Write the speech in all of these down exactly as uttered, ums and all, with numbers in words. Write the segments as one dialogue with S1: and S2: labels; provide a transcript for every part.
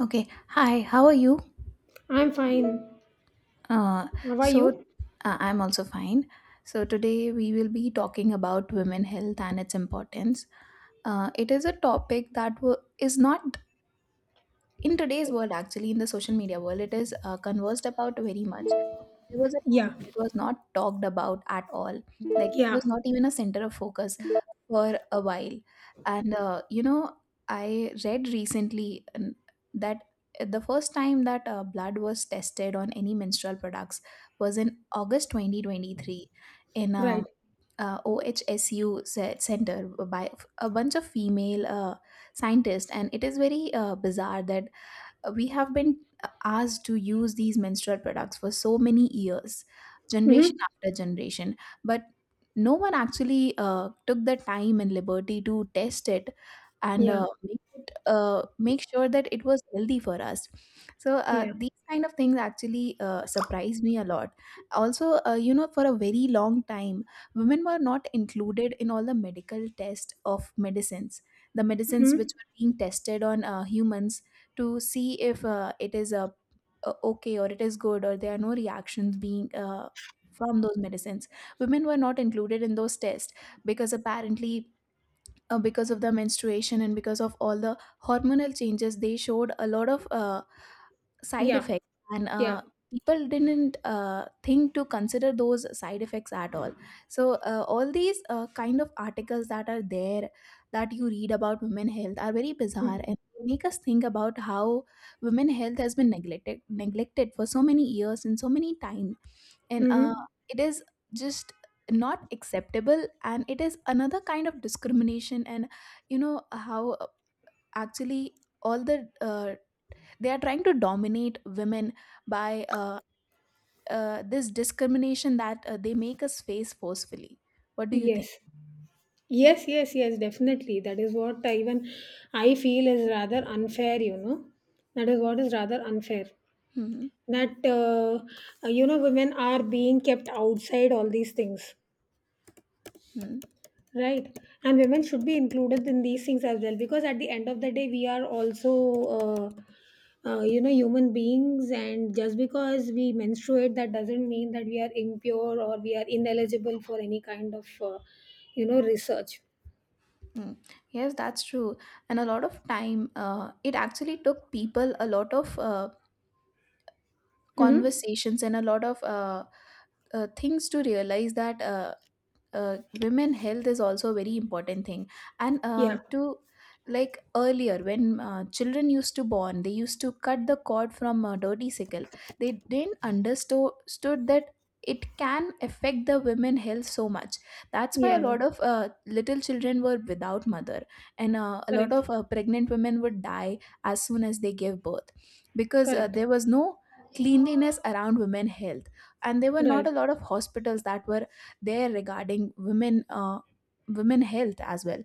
S1: Okay. Hi, how are you?
S2: I'm fine.
S1: Uh,
S2: How are
S1: so,
S2: you?
S1: uh, I'm also fine. So, today we will be talking about women health and its importance. Uh, it is a topic that wo- is not in today's world, actually, in the social media world, it is uh, conversed about very much. There was a time
S2: Yeah,
S1: that it was not talked about at all, like it
S2: yeah,
S1: was not even a center of focus for a while. And uh, you know I read recently, um, that uh, the first time that uh, blood was tested on any menstrual products was in August twenty twenty-three in um,
S2: right.
S1: a, uh O H S U se- center by a bunch of female uh, scientists, and it is very uh, bizarre that we have been asked to use these menstrual products for so many years, generation
S2: Mm-hmm.
S1: after generation, but no one actually uh, took the time and liberty to test it, and
S2: Yeah,
S1: uh, make it uh, make sure that it was healthy for us. So uh,
S2: yeah,
S1: these kind of things actually uh, surprised me a lot. Also, uh, you know for a very long time, women were not included in all the medical tests of medicines. The medicines
S2: mm-hmm.
S1: which were being tested on uh, humans, to see if uh, it is a uh, okay, or it is good, or there are no reactions being uh, from those medicines. Women were not included in those tests because apparently. Uh, because of the menstruation and because of all the hormonal changes, they showed a lot of uh, side
S2: Yeah,
S1: effects, and
S2: yeah.
S1: uh, people didn't uh, think to consider those side effects at all. So uh, all these uh, kind of articles that are there, that you read about women health, are very bizarre, and they make us think about how women health has been neglected neglected for so many years and so many time. And uh,
S2: Mm-hmm.
S1: it is just not acceptable, and it is another kind of discrimination. And you know how, uh, actually, all the uh, they are trying to dominate women by uh, uh, this discrimination that uh, they make us face forcefully. What do you think?
S2: Yes, yes, yes, yes, definitely. That is what I, even I feel is rather unfair, you know. That is what is rather unfair.
S1: Hmm.
S2: That, uh, you know, women are being kept outside all these things.
S1: Hmm.
S2: Right. And women should be included in these things as well because at the end of the day, we are also, uh, uh, you know, human beings. And just because we menstruate, that doesn't mean that we are impure or we are ineligible for any kind of, uh, you know, research.
S1: Hmm. Yes, that's true. And a lot of time, uh, it actually took people a lot of uh,
S2: Hmm.
S1: conversations and a lot of uh, uh, things to realize that uh, uh, women health is also a very important thing, and uh,
S2: Yeah.
S1: to. Like earlier when uh, children used to born, they used to cut the cord from a dirty sickle. They didn't understood that it can affect the women health so much. That's why a
S2: Yeah.
S1: lot of uh, little children were without mother, and uh, a lot
S2: Correct.
S1: of uh, pregnant women would die as soon as they gave birth, because uh,
S2: Correct.
S1: there was no cleanliness around women health. And there were not
S2: Right.
S1: a lot of hospitals that were there regarding women uh, women health as well.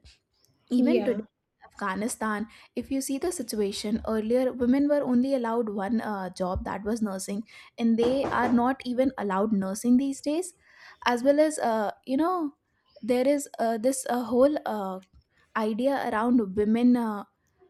S1: Even today
S2: Yeah.
S1: in Afghanistan, if you see the situation, earlier women were only allowed one uh, job, that was nursing. And they are not even allowed nursing these days, as well as, uh, you know there is uh, this uh, whole uh, idea around women uh,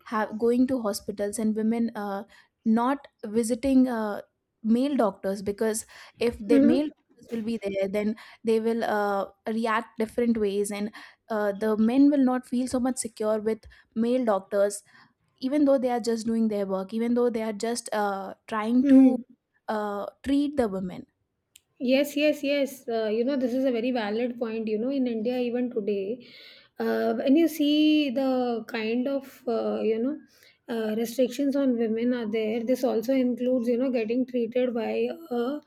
S1: have going to hospitals, and women uh, not visiting uh, male doctors, because if the male
S2: Hmm.
S1: doctors will be there, then they will uh, react different ways. And uh, the men will not feel so much secure with male doctors, even though they are just doing their work, even though they are just uh, trying to
S2: Hmm.
S1: uh, treat the women.
S2: Yes, yes, yes. Uh, you know, this is a very valid point. You know, in India, even today, uh, when you see the kind of, uh, you know, uh, restrictions on women are there, this also includes, you know, getting treated by a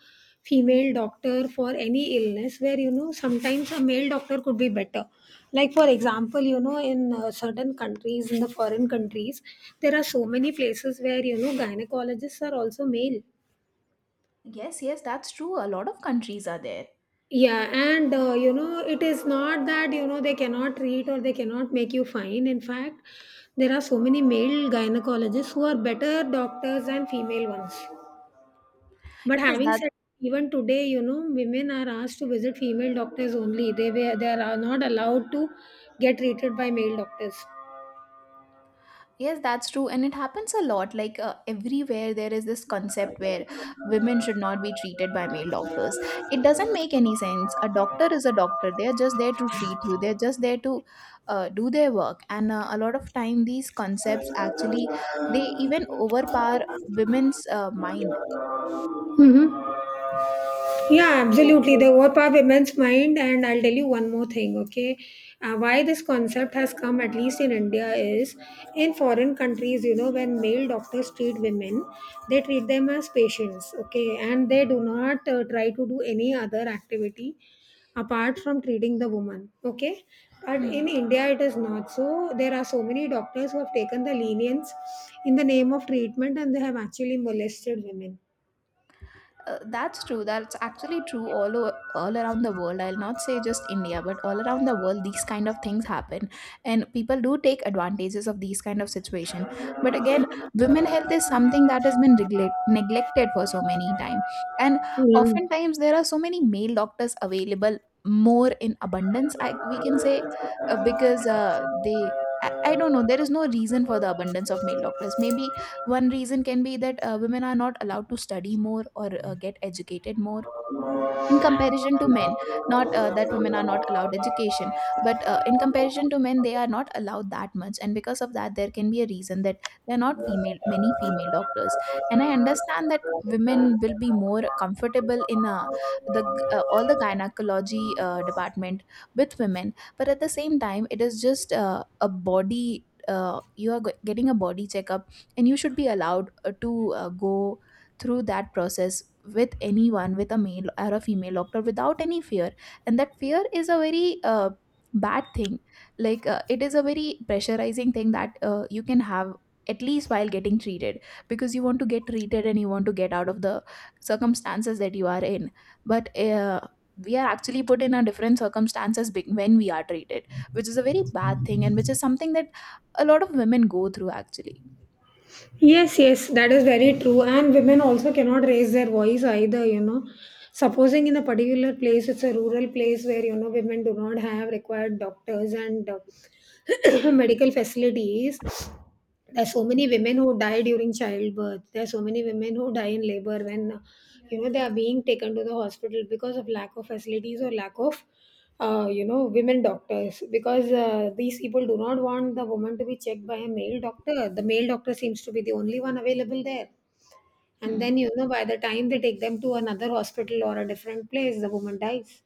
S2: female doctor for any illness where, you know, sometimes a male doctor could be better. Like, for example, you know, in uh, certain countries, in the foreign countries, there are so many places where, you know, gynecologists are also male.
S1: Yes, yes, that's true, a lot of countries are there.
S2: Yeah, and uh, you know, it is not that you know they cannot treat or they cannot make you fine. In fact, there are so many male gynecologists who are better doctors than female ones. But
S1: Yes,
S2: having
S1: that.
S2: said, even today, you know, women are asked to visit female doctors only. They were they are not allowed to get treated by male doctors.
S1: Yes, that's true. And it happens a lot. Like, uh, everywhere, there is this concept where women should not be treated by male doctors. It doesn't make any sense. A doctor is a doctor. They're just there to treat you, they're just there to uh, do their work. And uh, a lot of time, these concepts actually, they even overpower women's uh, mind.
S2: Hmm. Yeah,
S1: Oh,
S2: absolutely.
S1: oh.
S2: They overpower women's mind. And I'll tell you one more thing, okay? Uh, why this concept has come, at least in India, is in foreign countries, you know, when male doctors treat women, they treat them as patients, okay? And they do not uh, try to do any other activity apart from treating the woman, okay? But in
S1: Hmm.
S2: India, it is not so. There are so many doctors who have taken the lenience in the name of treatment and they have actually molested women.
S1: Uh, that's true. That's actually true all over, all around the world. I'll not say just India, but all around the world, these kind of things happen, and people do take advantages of these kind of situation. But again, women health is something that has been neglect- neglected for so many time, and
S2: Hmm.
S1: oftentimes there are so many male doctors available, more in abundance. I We can say, uh, because uh, they. I I don't know. There is no reason for the abundance of male doctors. Maybe one reason can be that uh, women are not allowed to study more, or uh, get educated more in comparison to men. Not uh, that women are not allowed education, but uh, in comparison to men, they are not allowed that much, and because of that, there can be a reason that there are not
S2: Thank
S1: female many female doctors. And I understand that women will be more comfortable in uh, the g- uh, all the gynecology uh,
S2: you.
S1: department with women, but at the same time, it is just uh, a body, uh, you are go- getting a body checkup, and you should be allowed uh, to uh, go through that process with anyone, with a male or a female doctor, without any fear. And that fear is a very uh, bad thing. Like, uh, it is a very pressurizing thing that uh, you can have, at least while getting treated, because you want to get treated and you want to get out of the circumstances that you are in. But uh, we are actually put in a different circumstances be- when we are treated, which is a very bad thing, and which is something that a lot of women go through actually.
S2: Yes, yes, that is very true. And women also cannot raise their voice either, you know. Supposing in a particular place, it's a rural place where, you know, women do not have required doctors and uh, medical facilities. There's so many women who die during childbirth. There's so many women who die in labor when, uh, you know, they are being taken to the hospital because of lack of facilities or lack of uh, you know women doctors because uh, these people do not want the woman to be checked by a male doctor. The male doctor seems to be the only one available there, and
S1: Hmm.
S2: then you know by the time they take them to another hospital or a different place the woman dies.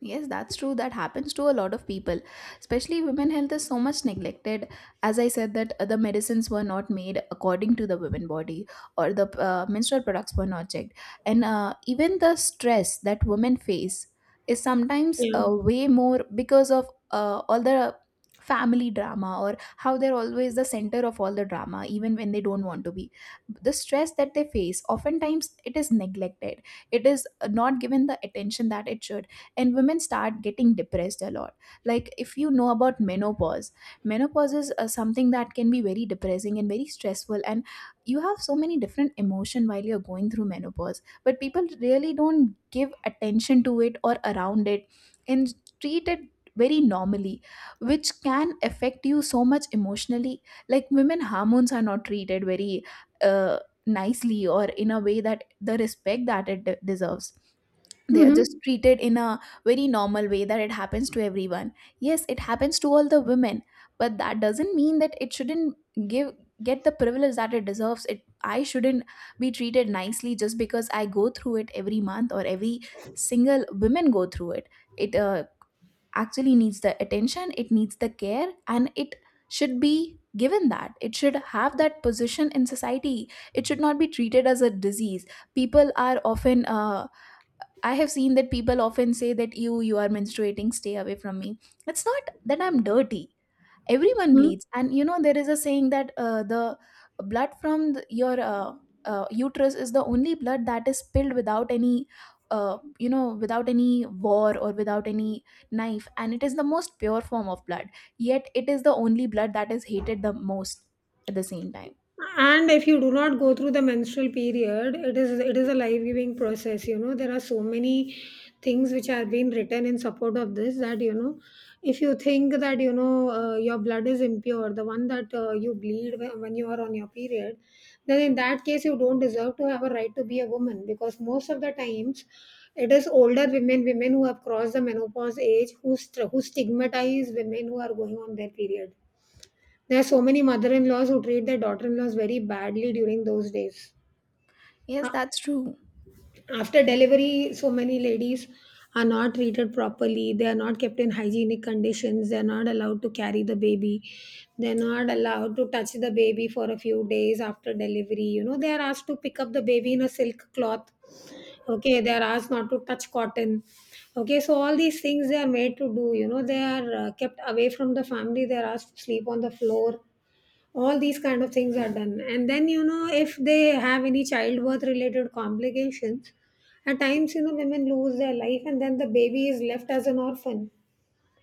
S1: Yes, that's true. That happens to a lot of people. Especially women health is so much neglected. As I said, that uh, the medicines were not made according to the women body, or the uh, menstrual products were not checked. And uh, even the stress that women face is sometimes
S2: Yeah.
S1: uh, way more because of uh, all the family drama, or how they're always the center of all the drama, even when they don't want to be. The stress that they face, oftentimes it is neglected. It is uh, not given the attention that it should, and women start getting depressed a lot. Like, if you know about menopause, menopause is uh, something that can be very depressing and very stressful, and you have so many different emotion while you're going through menopause, but people really don't give attention to it or around it, and treat it very normally, which can affect you so much emotionally. Like, women hormones are not treated very uh, nicely, or in a way that the respect that it de- deserves. They are just
S2: Mm-hmm.
S1: treated in a very normal way that it happens to everyone. Yes, it happens to all the women, but that doesn't mean that it shouldn't give get the privilege that it deserves. It i shouldn't be treated nicely just because I go through it every month, or every single women go through it. It uh, actually needs the attention, it needs the care, and it should be given that, it should have that position in society. It should not be treated as a disease. People are often, uh, I have seen that people often say that you you are menstruating, stay away from me. It's not that I'm dirty. Everyone bleeds, and you know there is a saying that uh, the blood from the, your uh, uh, uterus is the only blood that is spilled without any, uh, you know, without any war or without any knife, and it is the most pure form of blood. Yet it is the only blood that is hated the most, at the same time.
S2: And if you do not go through the menstrual period, it is it is a life giving process. You know there are so many things which have been written in support of this that you know if you think that you know uh, your blood is impure, the one that uh, you bleed wh- when you are on your period, then in that case you don't deserve to have a right to be a woman, because most of the times it is older women women who have crossed the menopause age, who, st- who stigmatize women who are going on their period. There are so many mother-in-laws who treat their daughter-in-laws very badly during those days.
S1: Yes,
S2: A-
S1: that's true.
S2: After delivery, so many ladies are not treated properly. They are not kept in hygienic conditions. They are not allowed to carry the baby. They are not allowed to touch the baby for a few days after delivery. You know, they are asked to pick up the baby in a silk cloth. Okay, they are asked not to touch cotton. Okay, so all these things they are made to do. You know, they are uh, kept away from the family. They are asked to sleep on the floor. All these kind of things are done, and then you know if they have any childbirth related complications, at
S1: Hmm.
S2: times you know women lose their life and then the baby is left as an orphan.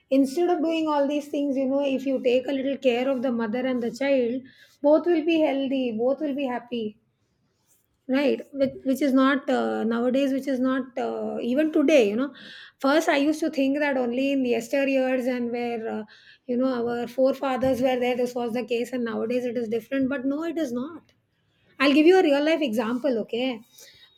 S2: Instead of doing all these things, you know if you take a little care of the mother and the child, both will be healthy, both will be happy.
S1: Hmm.
S2: Right, which, which is not, uh, nowadays, which is not, uh, even today you know First I used to think that only in the yesteryears, and where uh, you know our forefathers were there, this was the case and nowadays it is different, but no, it is not. I'll give you a real life example, okay.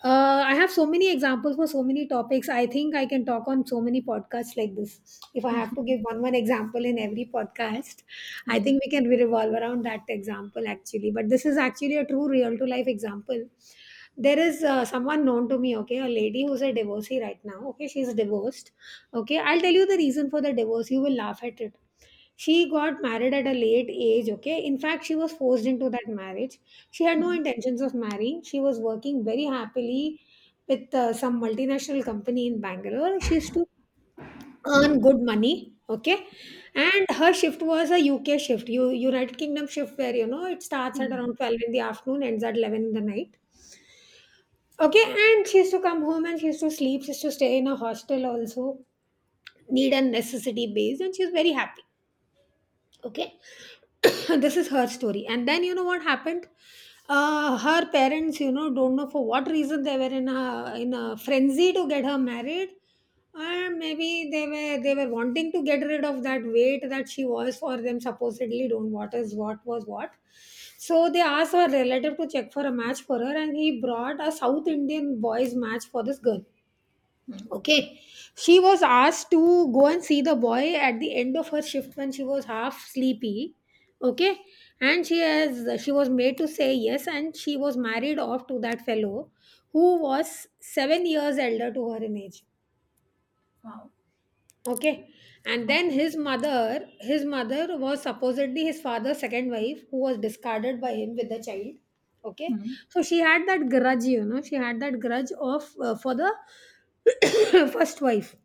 S2: Uh, i have so many examples for so many topics. I think I can talk on so many podcasts like this. If I have to give one one example in every podcast, I think we can revolve around that example. Actually, but this is actually a true, real to life example. There is uh, someone known to me, okay, a lady who's a divorcee right now, okay, she's divorced. Okay, I'll tell you the reason for the divorce, you will laugh at it. She got married at a late age, okay, in fact she was forced into that marriage. She had no
S1: Hmm.
S2: intentions of marrying, she was working very happily with uh, some multinational company in Bangalore. She used to earn good money. Okay. And her shift was a U K shift, U- united kingdom shift, where you know it starts at
S1: Hmm.
S2: around twelve in the afternoon, ends at eleven in the night. Okay, and she used to come home and she used to sleep. She used to stay in a hostel also, need and necessity based, and she was very happy. Okay. This is her story, and then you know what happened. Uh, her parents, you know don't know for what reason, they were in a in a frenzy to get her married. And maybe they were they were wanting to get rid of that weight that she was for them, supposedly. Don't, what is, what was, what. So they asked her relative to check for a match for her, and he brought a South Indian boy's match for this girl.
S1: Hmm.
S2: Okay. She was asked to go and see the boy at the end of her shift when she was half sleepy. Okay. And she has she was made to say yes, and she was married off to that fellow who was seven years elder to her in age.
S1: Wow.
S2: Okay. And then
S1: Okay.
S2: his mother, his mother was supposedly his father's second wife, who was discarded by him with the child. Okay.
S1: Hmm.
S2: So she had that grudge, you know, she had that grudge of, uh, for the first wife.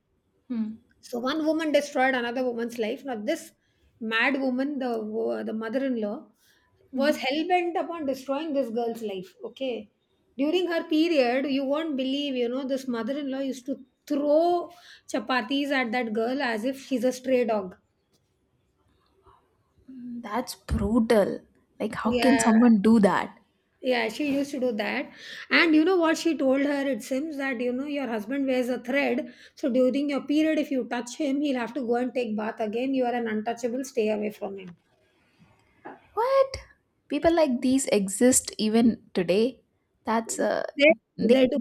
S1: Hmm.
S2: So one woman destroyed another woman's life. Now this mad woman, the wo- the mother-in-law, was
S1: Hmm.
S2: hell bent upon destroying this girl's life. Okay, during her period, you won't believe. You know, this mother-in-law used to throw chapatis at that girl as if she's a stray dog.
S1: Hmm. That's brutal. Like, how can
S2: Yeah,
S1: someone do that?
S2: yeah, she used to do that. And you know what she told her? It seems that you know your husband wears a thread. So during your period, if you touch him, he'll have to go and take bath again. You are an untouchable. Stay away from him.
S1: What? People like these exist even today? That's uh,
S2: They
S1: they.
S2: they do.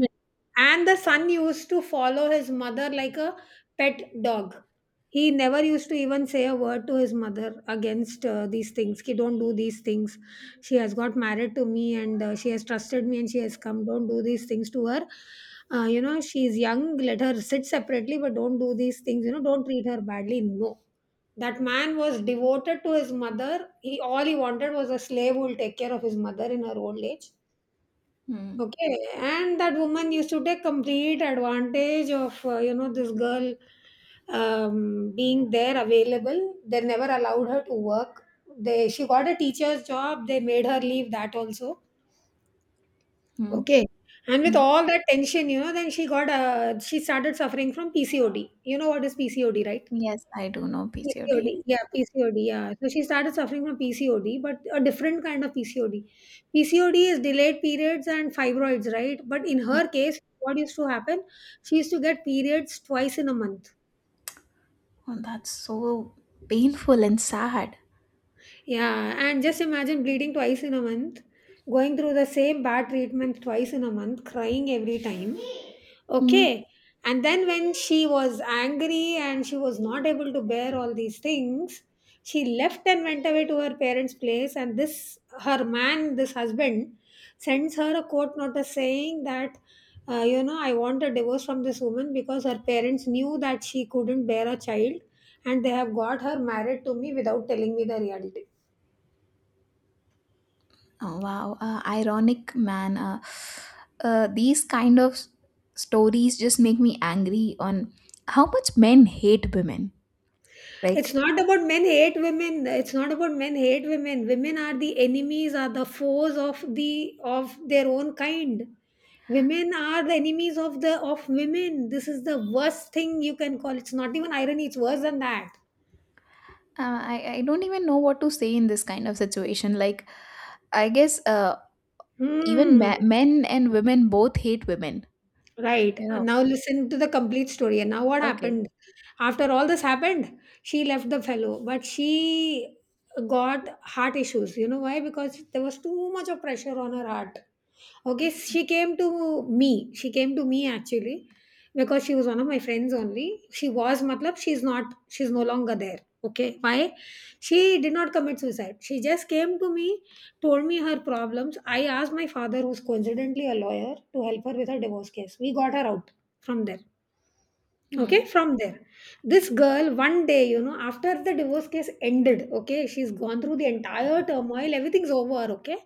S2: And the son used to follow his mother like a pet dog. He never used to even say a word to his mother against, uh, these things. Ki, don't do these things. She has got married to me and, uh, she has trusted me and she has come. Don't do these things to her. Uh, you know, she is young. Let her sit separately, but don't do these things. You know, don't treat her badly. No. That man was devoted to his mother. He all he wanted was a slave who will take care of his mother in her old age.
S1: Hmm.
S2: Okay, and that woman used to take complete advantage of, uh, you know this girl um, being there available. They never allowed her to work. They she got a teacher's job. They made her leave that also.
S1: Hmm.
S2: Okay, and with
S1: Hmm.
S2: all that tension, you know, then she got uh, she started suffering from P C O D. You know what is PCOD, right?
S1: Yes, I do know P C O D.
S2: P C O D, yeah, P C O D, yeah. So she started suffering from P C O D, but a different kind of P C O D. P C O D is delayed periods and fibroids, right? But in her case, what used to happen? She used to get periods twice in a month.
S1: Oh, that's so painful and sad.
S2: Yeah, and just imagine bleeding twice in a month, going through the same bad treatment twice in a month, crying every time.
S1: Hmm.
S2: Okay. And then when she was angry and she was not able to bear all these things, she left and went away to her parents' place. And this, her man, this husband, sends her a court notice saying that, uh, you know, I want a divorce from this woman because her parents knew that she couldn't bear a child and they have got her married to me without telling me the reality.
S1: Oh, wow, uh, ironic man. Uh, uh, these kind of s- stories just make me angry on how much men hate women.
S2: It's
S1: Like,
S2: not about men hate women. It's not about men hate women. Women are the enemies, are the foes of the of their own kind. Women are the enemies of the of women. This is the worst thing you can call. It's not even irony. It's worse than that.
S1: uh, I, I don't even know what to say in this kind of situation. Like, I guess, uh, even
S2: Hmm.
S1: ma- men and women both hate women.
S2: Right.
S1: You
S2: And
S1: know,
S2: now listen to the complete story. And now what
S1: okay.
S2: happened? After all this happened, she left the fellow, but she got heart issues. You know why? Because there was too much of pressure on her heart. Okay, she came to me. She came to me actually because she was one of my friends only. She was matlab she's not she's no longer there. Okay, why? She did not commit suicide. She just came to me, told me her problems. I asked my father, who's coincidentally a lawyer, to help her with her divorce case. We got her out from there, okay,
S1: Mhm.
S2: from there. This girl one day, you know, after the divorce case ended, okay, she's gone through the entire turmoil, everything's over, okay,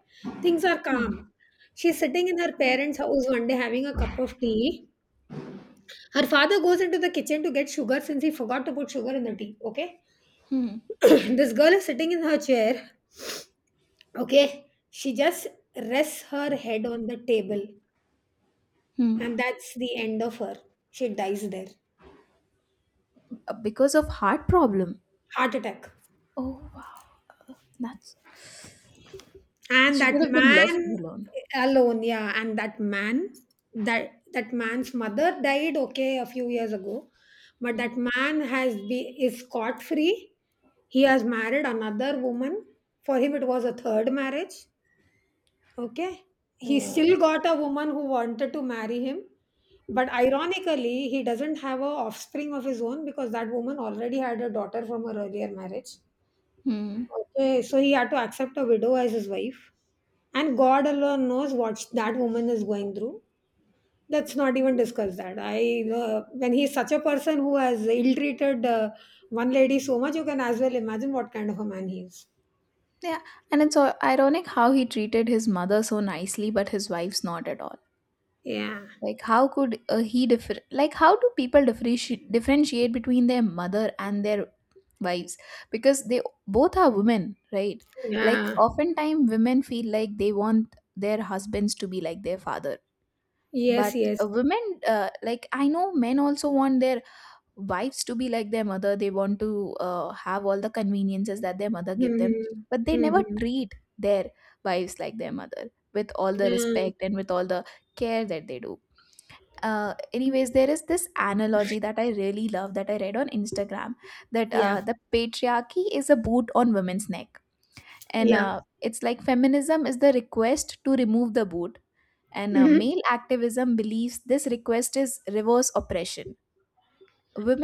S2: things are
S1: Hmm. Hmm.
S2: calm. She's sitting in her parents house one day having a cup of tea. Her father goes into the kitchen to get sugar since he forgot to put sugar in the tea, okay.
S1: Hmm.
S2: This girl is sitting in her chair, okay, she just rests her head on the table,
S1: Hmm.
S2: and that's the end of her. She dies there.
S1: Uh, Because of heart problem.
S2: Heart attack.
S1: Oh wow. That's
S2: And
S1: She could
S2: that
S1: have been left
S2: man
S1: alone.
S2: alone, yeah, and that man, that that man's mother died, okay, a few years ago, but
S1: Hmm.
S2: that man has be is scot free. He has married another woman. For him it was a third marriage, okay. He
S1: Oh.
S2: still got a woman who wanted to marry him, but ironically he doesn't have a offspring of his own because that woman already had a daughter from her earlier marriage.
S1: Hmm.
S2: Okay, so he had to accept a widow as his wife, and God alone knows what that woman is going through. Let's not even discuss that. I uh, When he's such a person who has ill-treated uh, one lady so much, you can as well imagine what kind of a man he is.
S1: Yeah. And it's so ironic how he treated his mother so nicely, but his wife's not at all.
S2: Yeah,
S1: Like, how could, uh, he differ? Like how do people differentiate differentiate between their mother and their wives? Because they both are women, right? Like
S2: yeah,
S1: oftentimes women feel like they want their husbands to be like their father, but
S2: yes, yes.
S1: uh, women, uh, like I know men also want their wives to be like their mother. They want to uh, have all the conveniences that their mother give them,
S2: Mm-hmm.
S1: but they never
S2: Mm-hmm.
S1: treat their wives like their mother with all the respect and with all the care that they do. Uh, anyways, there is this analogy that I really love that I read on Instagram, that
S2: Yeah,
S1: uh, the patriarchy is a boot on women's neck, and
S2: yeah.
S1: uh, it's like feminism is the request to remove the boot, and uh,
S2: Mhm.
S1: male activism believes this request is reverse oppression.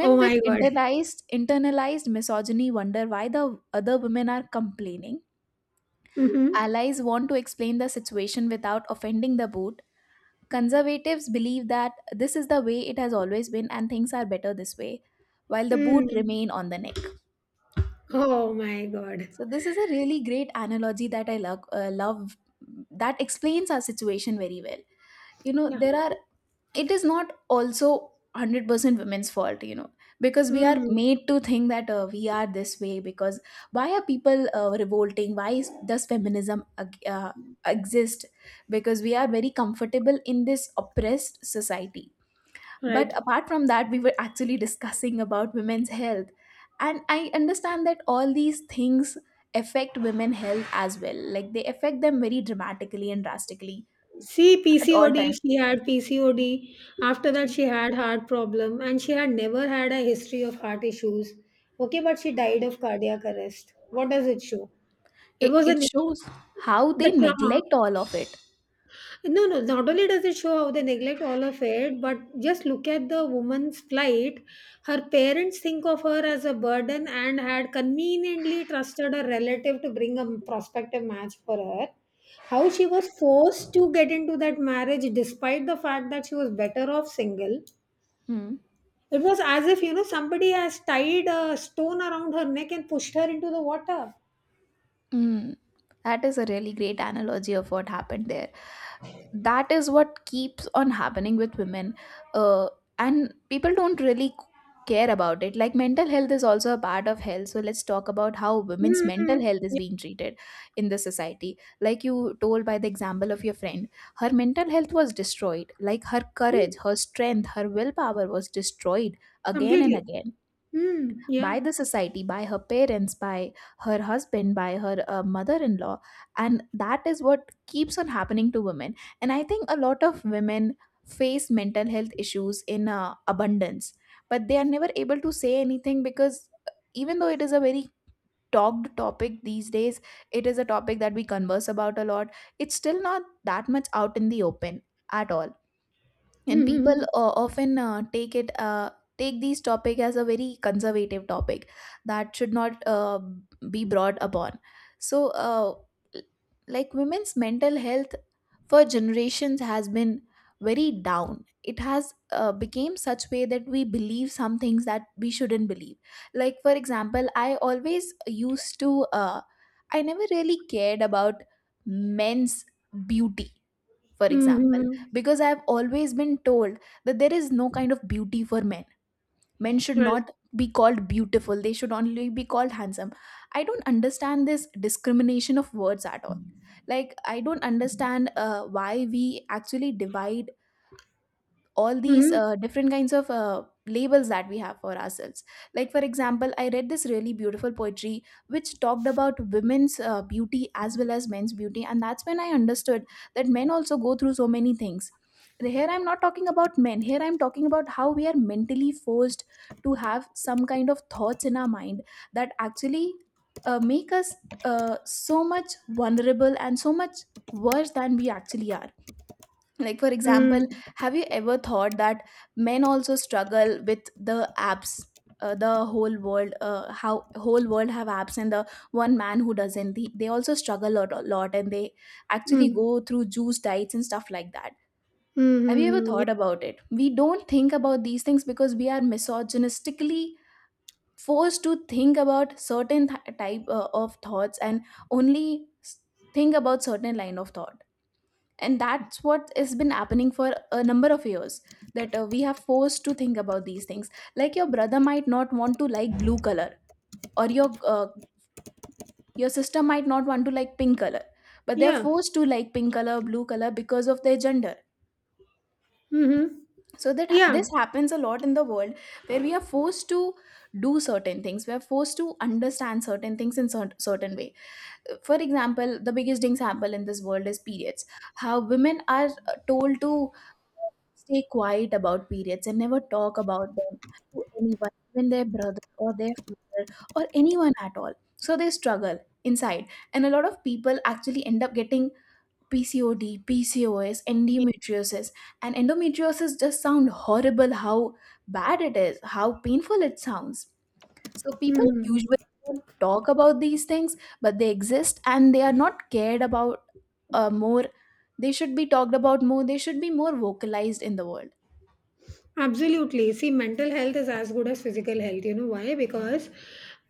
S2: Oh my
S1: with
S2: God.
S1: internalized internalized misogyny wonder why the other women are complaining.
S2: Mm-hmm.
S1: Allies want to explain the situation without offending the boot. Conservatives believe that this is the way it has always been and things are better this way, while the boot
S2: Mm.
S1: remain on the neck.
S2: Oh my God.
S1: So this is a really great analogy that I love, uh, love that explains our situation very well. You know,
S2: Yeah.
S1: there are it is not also one hundred percent women's fault, you know, because we are
S2: Mm.
S1: made to think that uh, we are this way. Because why are people uh, revolting? Why is, does feminism ag- uh, exist? Because we are very comfortable in this oppressed society. But
S2: Right.
S1: apart from that, we were actually discussing about women's health. And I understand that all these things affect women's health as well. Like they affect them very dramatically and drastically
S2: See,
S1: at all
S2: P C O D,
S1: times.
S2: she had P C O D. After that,
S1: It,
S2: she had heart problem and she had never had a history of heart issues. Okay, but she died of cardiac arrest. What does it show? It was
S1: it
S2: an
S1: shows how
S2: the
S1: they
S2: trauma.
S1: neglect all of it.
S2: No, no, not only does it show how they neglect all of it, but just look at the woman's plight. Her parents think of her as a burden and had conveniently trusted a relative to bring a prospective match for her. How she was forced to get into that marriage despite the fact that she was better off single.
S1: Hmm.
S2: It was as if, you know, somebody has tied a stone around her neck and pushed her into the water.
S1: Mm, that is a really great analogy of what happened there. That is what keeps on happening with women, uh, and people don't really care about it. Like mental health is also a part of health, so let's talk about how women's
S2: Mm-hmm.
S1: mental health is
S2: Yeah.
S1: being treated in the society. Like you told by the example of your friend, her mental health was destroyed. Like her courage,
S2: Mm,
S1: her strength, her willpower was destroyed again and
S2: completely.
S1: again
S2: Mm, yeah.
S1: by the society, by her parents, by her husband, by her uh, mother in law. And that is what keeps on happening to women. And I think a lot of women face mental health issues in uh, abundance, but they are never able to say anything. Because uh, even though it is a very talked topic these days, it is a topic that we converse about a lot, it's still not that much out in the open at all. And people
S2: Mm-hmm.
S1: uh, often uh, take it uh, take these topic as a very conservative topic that should not uh, be brought upon. So uh, l- like women's mental health for generations has been very down. It has uh, became such way that we believe some things that we shouldn't believe. Like for example, I always used to uh, I never really cared about men's beauty, for example,
S2: Mm-hmm.
S1: because I have always been told that there is no kind of beauty for men. Men should
S2: Right.
S1: not be called beautiful, they should only be called handsome. I don't understand this discrimination of words at all. Like I don't understand uh, why we actually divide all these
S2: Mhm.
S1: uh, different kinds of uh, labels that we have for ourselves. Like for example, I read this really beautiful poetry which talked about women's uh, beauty as well as men's beauty, and that's when I understood that men also go through so many things. Here I'm not talking about men, here I'm talking about how we are mentally forced to have some kind of thoughts in our mind that actually uh, make us uh, so much vulnerable and so much worse than we actually are. Like for
S2: Mm.
S1: example, have you ever thought that men also struggle with the apps? Uh, the whole world, uh, how whole world have apps, and the one man who doesn't, they, they also struggle a lot, a lot, and they actually
S2: Mm.
S1: go through juice diets and stuff like that. Have you ever
S2: Mhm.
S1: thought about it? We don't think about these things because we are misogynistically forced to think about certain th- type uh, of thoughts and only s- think about certain line of thought. And that's what has been happening for a number of years, that uh, we have forced to think about these things. Like your brother might not want to like blue color, or your uh, your sister might not want to like pink color, but they're
S2: Yeah.
S1: forced to like pink color, blue color because of their gender.
S2: Mhm.
S1: So that ha-
S2: Yeah.
S1: this happens a lot in the world, where we are forced to do certain things, we are forced to understand certain things in cer- certain way. For example, the biggest example in this world is periods. How women are uh, told to stay quiet about periods and never talk about them to anyone, even their brother or their father or anyone at all. So they struggle inside. And a lot of people actually end up getting P C O D, P C O S,
S2: Yeah.
S1: endometriosis. And endometriosis just sound horrible, how bad it is, how painful it sounds. So people
S2: Mhm.
S1: usually don't talk about these things, but they exist and they are not cared about uh, more. They should be talked about more. They should be more vocalized in the world.
S2: Absolutely. See, mental health is as good as physical health. You know why? Because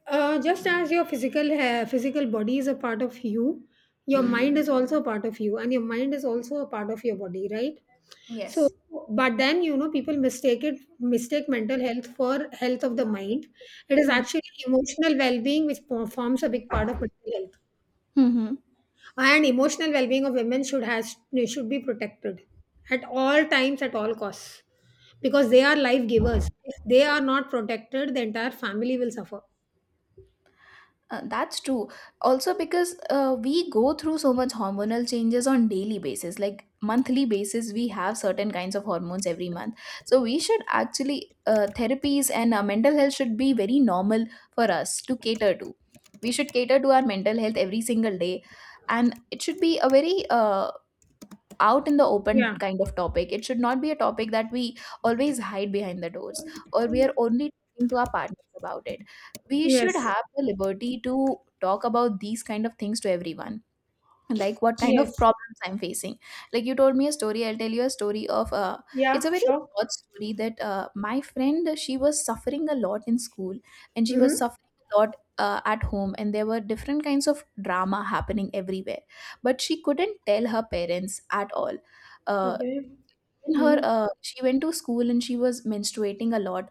S2: uh, just as your physical ha- physical body is a part of you, your mind is also a part of you, and your mind is also a part of your body, right? So,
S1: Yes.
S2: but then you know people mistake it mistake mental health for health of the mind. It is actually emotional well being, which po- forms a big part of mental health.
S1: Mm-hmm.
S2: And emotional well-being of women should has should be protected at all times, at all costs, because they are life givers. If they are not protected, the entire family will suffer.
S1: Uh, that's true. Also, because uh, we go through so much hormonal changes on daily basis, like monthly basis, we have certain kinds of hormones every month. So we should actually uh, therapies and uh, mental health should be very normal for us to cater to. We should cater to our mental health every single day, and it should be a very uh, out in the open
S2: Yeah,
S1: kind of topic. It should not be a topic that we always hide behind the doors, or we are only talking to our partners about it. We should
S2: yes,
S1: have the liberty to talk about these kind of things to everyone, like what kind
S2: yes.
S1: of problems I'm facing. Like you told me a story, I'll tell you a story of uh it's
S2: Yeah,
S1: a very
S2: sure.
S1: short story, that uh, my friend, she was suffering a lot in school, and she was
S2: Mm-hmm.
S1: suffering a lot uh, at home, and there were different kinds of drama happening everywhere, but she couldn't tell her parents at all. uh
S2: Okay.
S1: in her,
S2: Mm-hmm.
S1: uh, she went to school and she was menstruating a lot.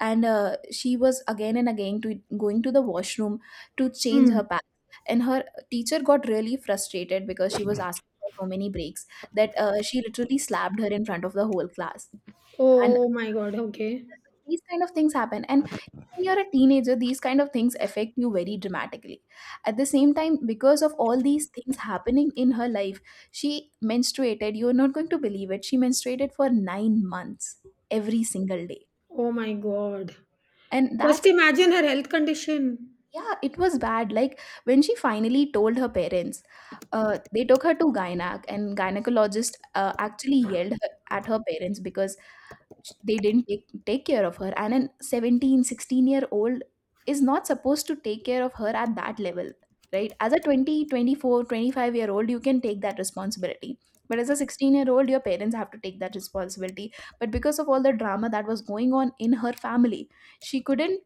S1: And uh, she was again and again to going to the washroom to change her
S2: Mm.
S1: pants, and her teacher got really frustrated because she was asking for so many breaks, that uh, she literally slapped her in front of the whole class. And
S2: Oh my God, okay.
S1: these kind of things happen, and when you're a teenager these kind of things affect you very dramatically. At the same time, because of all these things happening in her life, she menstruated, you're not going to believe it, she menstruated for nine months every single day.
S2: Oh my God.
S1: And
S2: Just
S1: that's
S2: imagine her health condition.
S1: Yeah, it was bad. Like when she finally told her parents, uh, they took her to gynac, and gynecologist uh, actually yelled her, at her parents because sh- they didn't take, take care of her. And an seventeen, sixteen year old is not supposed to take care of her at that level, right? As a twenty, twenty four, twenty five year old, you can take that responsibility. But as a sixteen year old, your parents have to take that responsibility. But because of all the drama that was going on in her family, she couldn't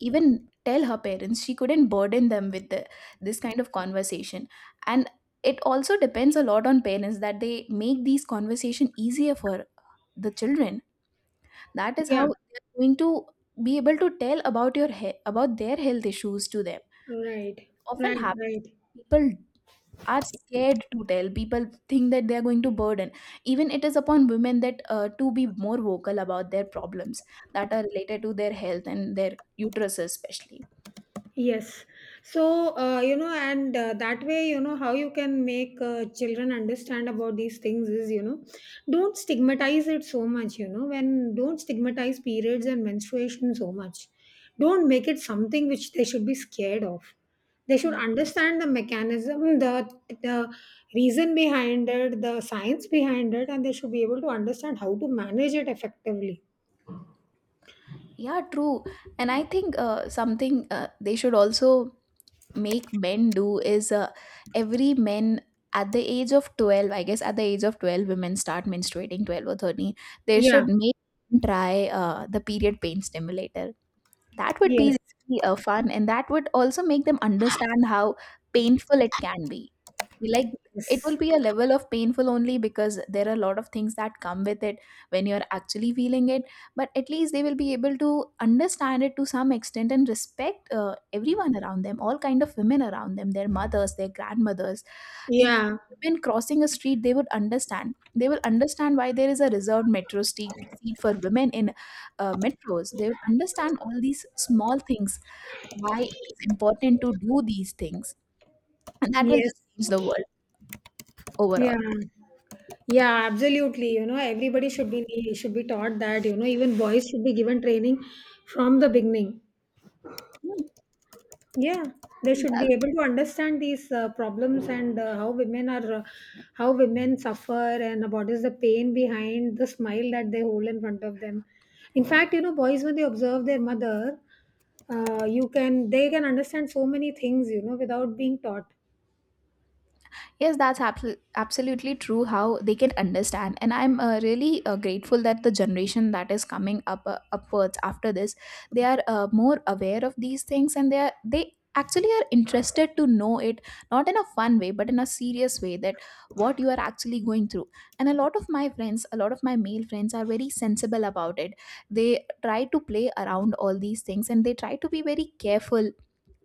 S1: even tell her parents, she couldn't burden them with the, this kind of conversation. And it also depends a lot on parents, that they make these conversation easier for the children. That is
S2: Yeah.
S1: how they're going to be able to tell about your he- about their health issues to them.
S2: Right,
S1: Often
S2: right,
S1: happens,
S2: right.
S1: people are scared to tell, people think that they are going to burden. Even it is upon women that uh, to be more vocal about their problems that are related to their health and their uterus especially.
S2: Yes. So, uh, you know, and uh, that way, you know, how you can make uh, children understand about these things is, you know, don't stigmatize it so much, you know, when don't stigmatize periods and menstruation so much. Don't make it something which they should be scared of. They should
S1: Hmm.
S2: understand the mechanism, the, the reason behind it, the science behind it, and they should be able to understand how to manage it effectively.
S1: Yeah, true. And I think uh, something uh, they should also make men do is, uh, every men at the age of twelve, I guess at the age of twelve, women start menstruating twelve or thirteen. They
S2: Yeah.
S1: should make them try uh, the period pain stimulator. That would
S2: Yes.
S1: be really uh, fun, and that would also make them understand how painful it can be. Like, it will
S2: Yes.
S1: be a level of painful only because there are a lot of things that come with it when you're actually feeling it. But at least they will be able to understand it to some extent, and respect uh, everyone around them, all kind of women around them, their mothers, their grandmothers, even
S2: Yeah.
S1: women crossing a street, they would understand. They will understand why there is a reserved metro street seat for women in uh, metros. They will understand all these small things, why it is important to do these things, and that will
S2: Yes.
S1: just change the world
S2: Yeah.
S1: overall.
S2: Yeah, absolutely. You know, everybody should be should be taught that, you know, even boys should be given training from the beginning. Yeah, they should be
S1: That,
S2: able to understand these uh, problems and uh, how women are uh, how women suffer and what is the pain behind the smile that they hold in front of them. In fact, you know, boys when they observe their mother, uh, you can they can understand so many things, you know, without being taught.
S1: yes, that's abso- absolutely true, how they can understand. And I'm uh, really uh, grateful that the generation that is coming up uh, upwards after this, they are uh, more aware of these things, and they are, they actually are interested to know it, not in a fun way but in a serious way, that what you are actually going through. And a lot of my friends, a lot of my male friends are very sensible about it. They try to play around all these things, and they try to be very careful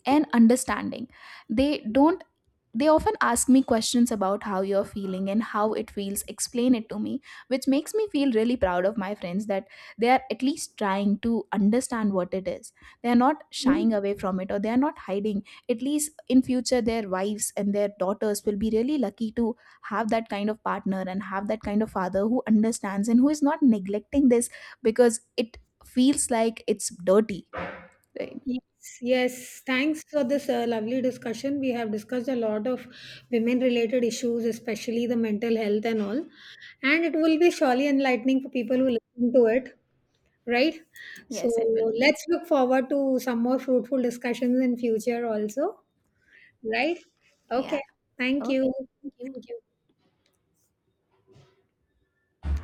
S1: and understanding. They don't they often ask me questions about how you're feeling and how it feels, explain it to me, which makes me feel really proud of my friends that they are at least trying to understand what it is. They are not shying
S2: Hmm?
S1: away from it, or they are not hiding. At least in future, their wives and their daughters will be really lucky to have that kind of partner and have that kind of father who understands and who is not neglecting this because it feels like it's dirty. Right.
S2: Yes, yes. Thanks for this uh, lovely discussion. We have discussed a lot of women related issues, especially the mental health and all. And it will be surely enlightening for people who listen to it, right? So
S1: Yes, it will be.
S2: let's look forward to some more fruitful discussions in future also, right? Okay.
S1: Yeah.
S2: Thank
S1: Okay.
S2: you.
S1: Thank
S2: Thank
S1: you.
S2: you.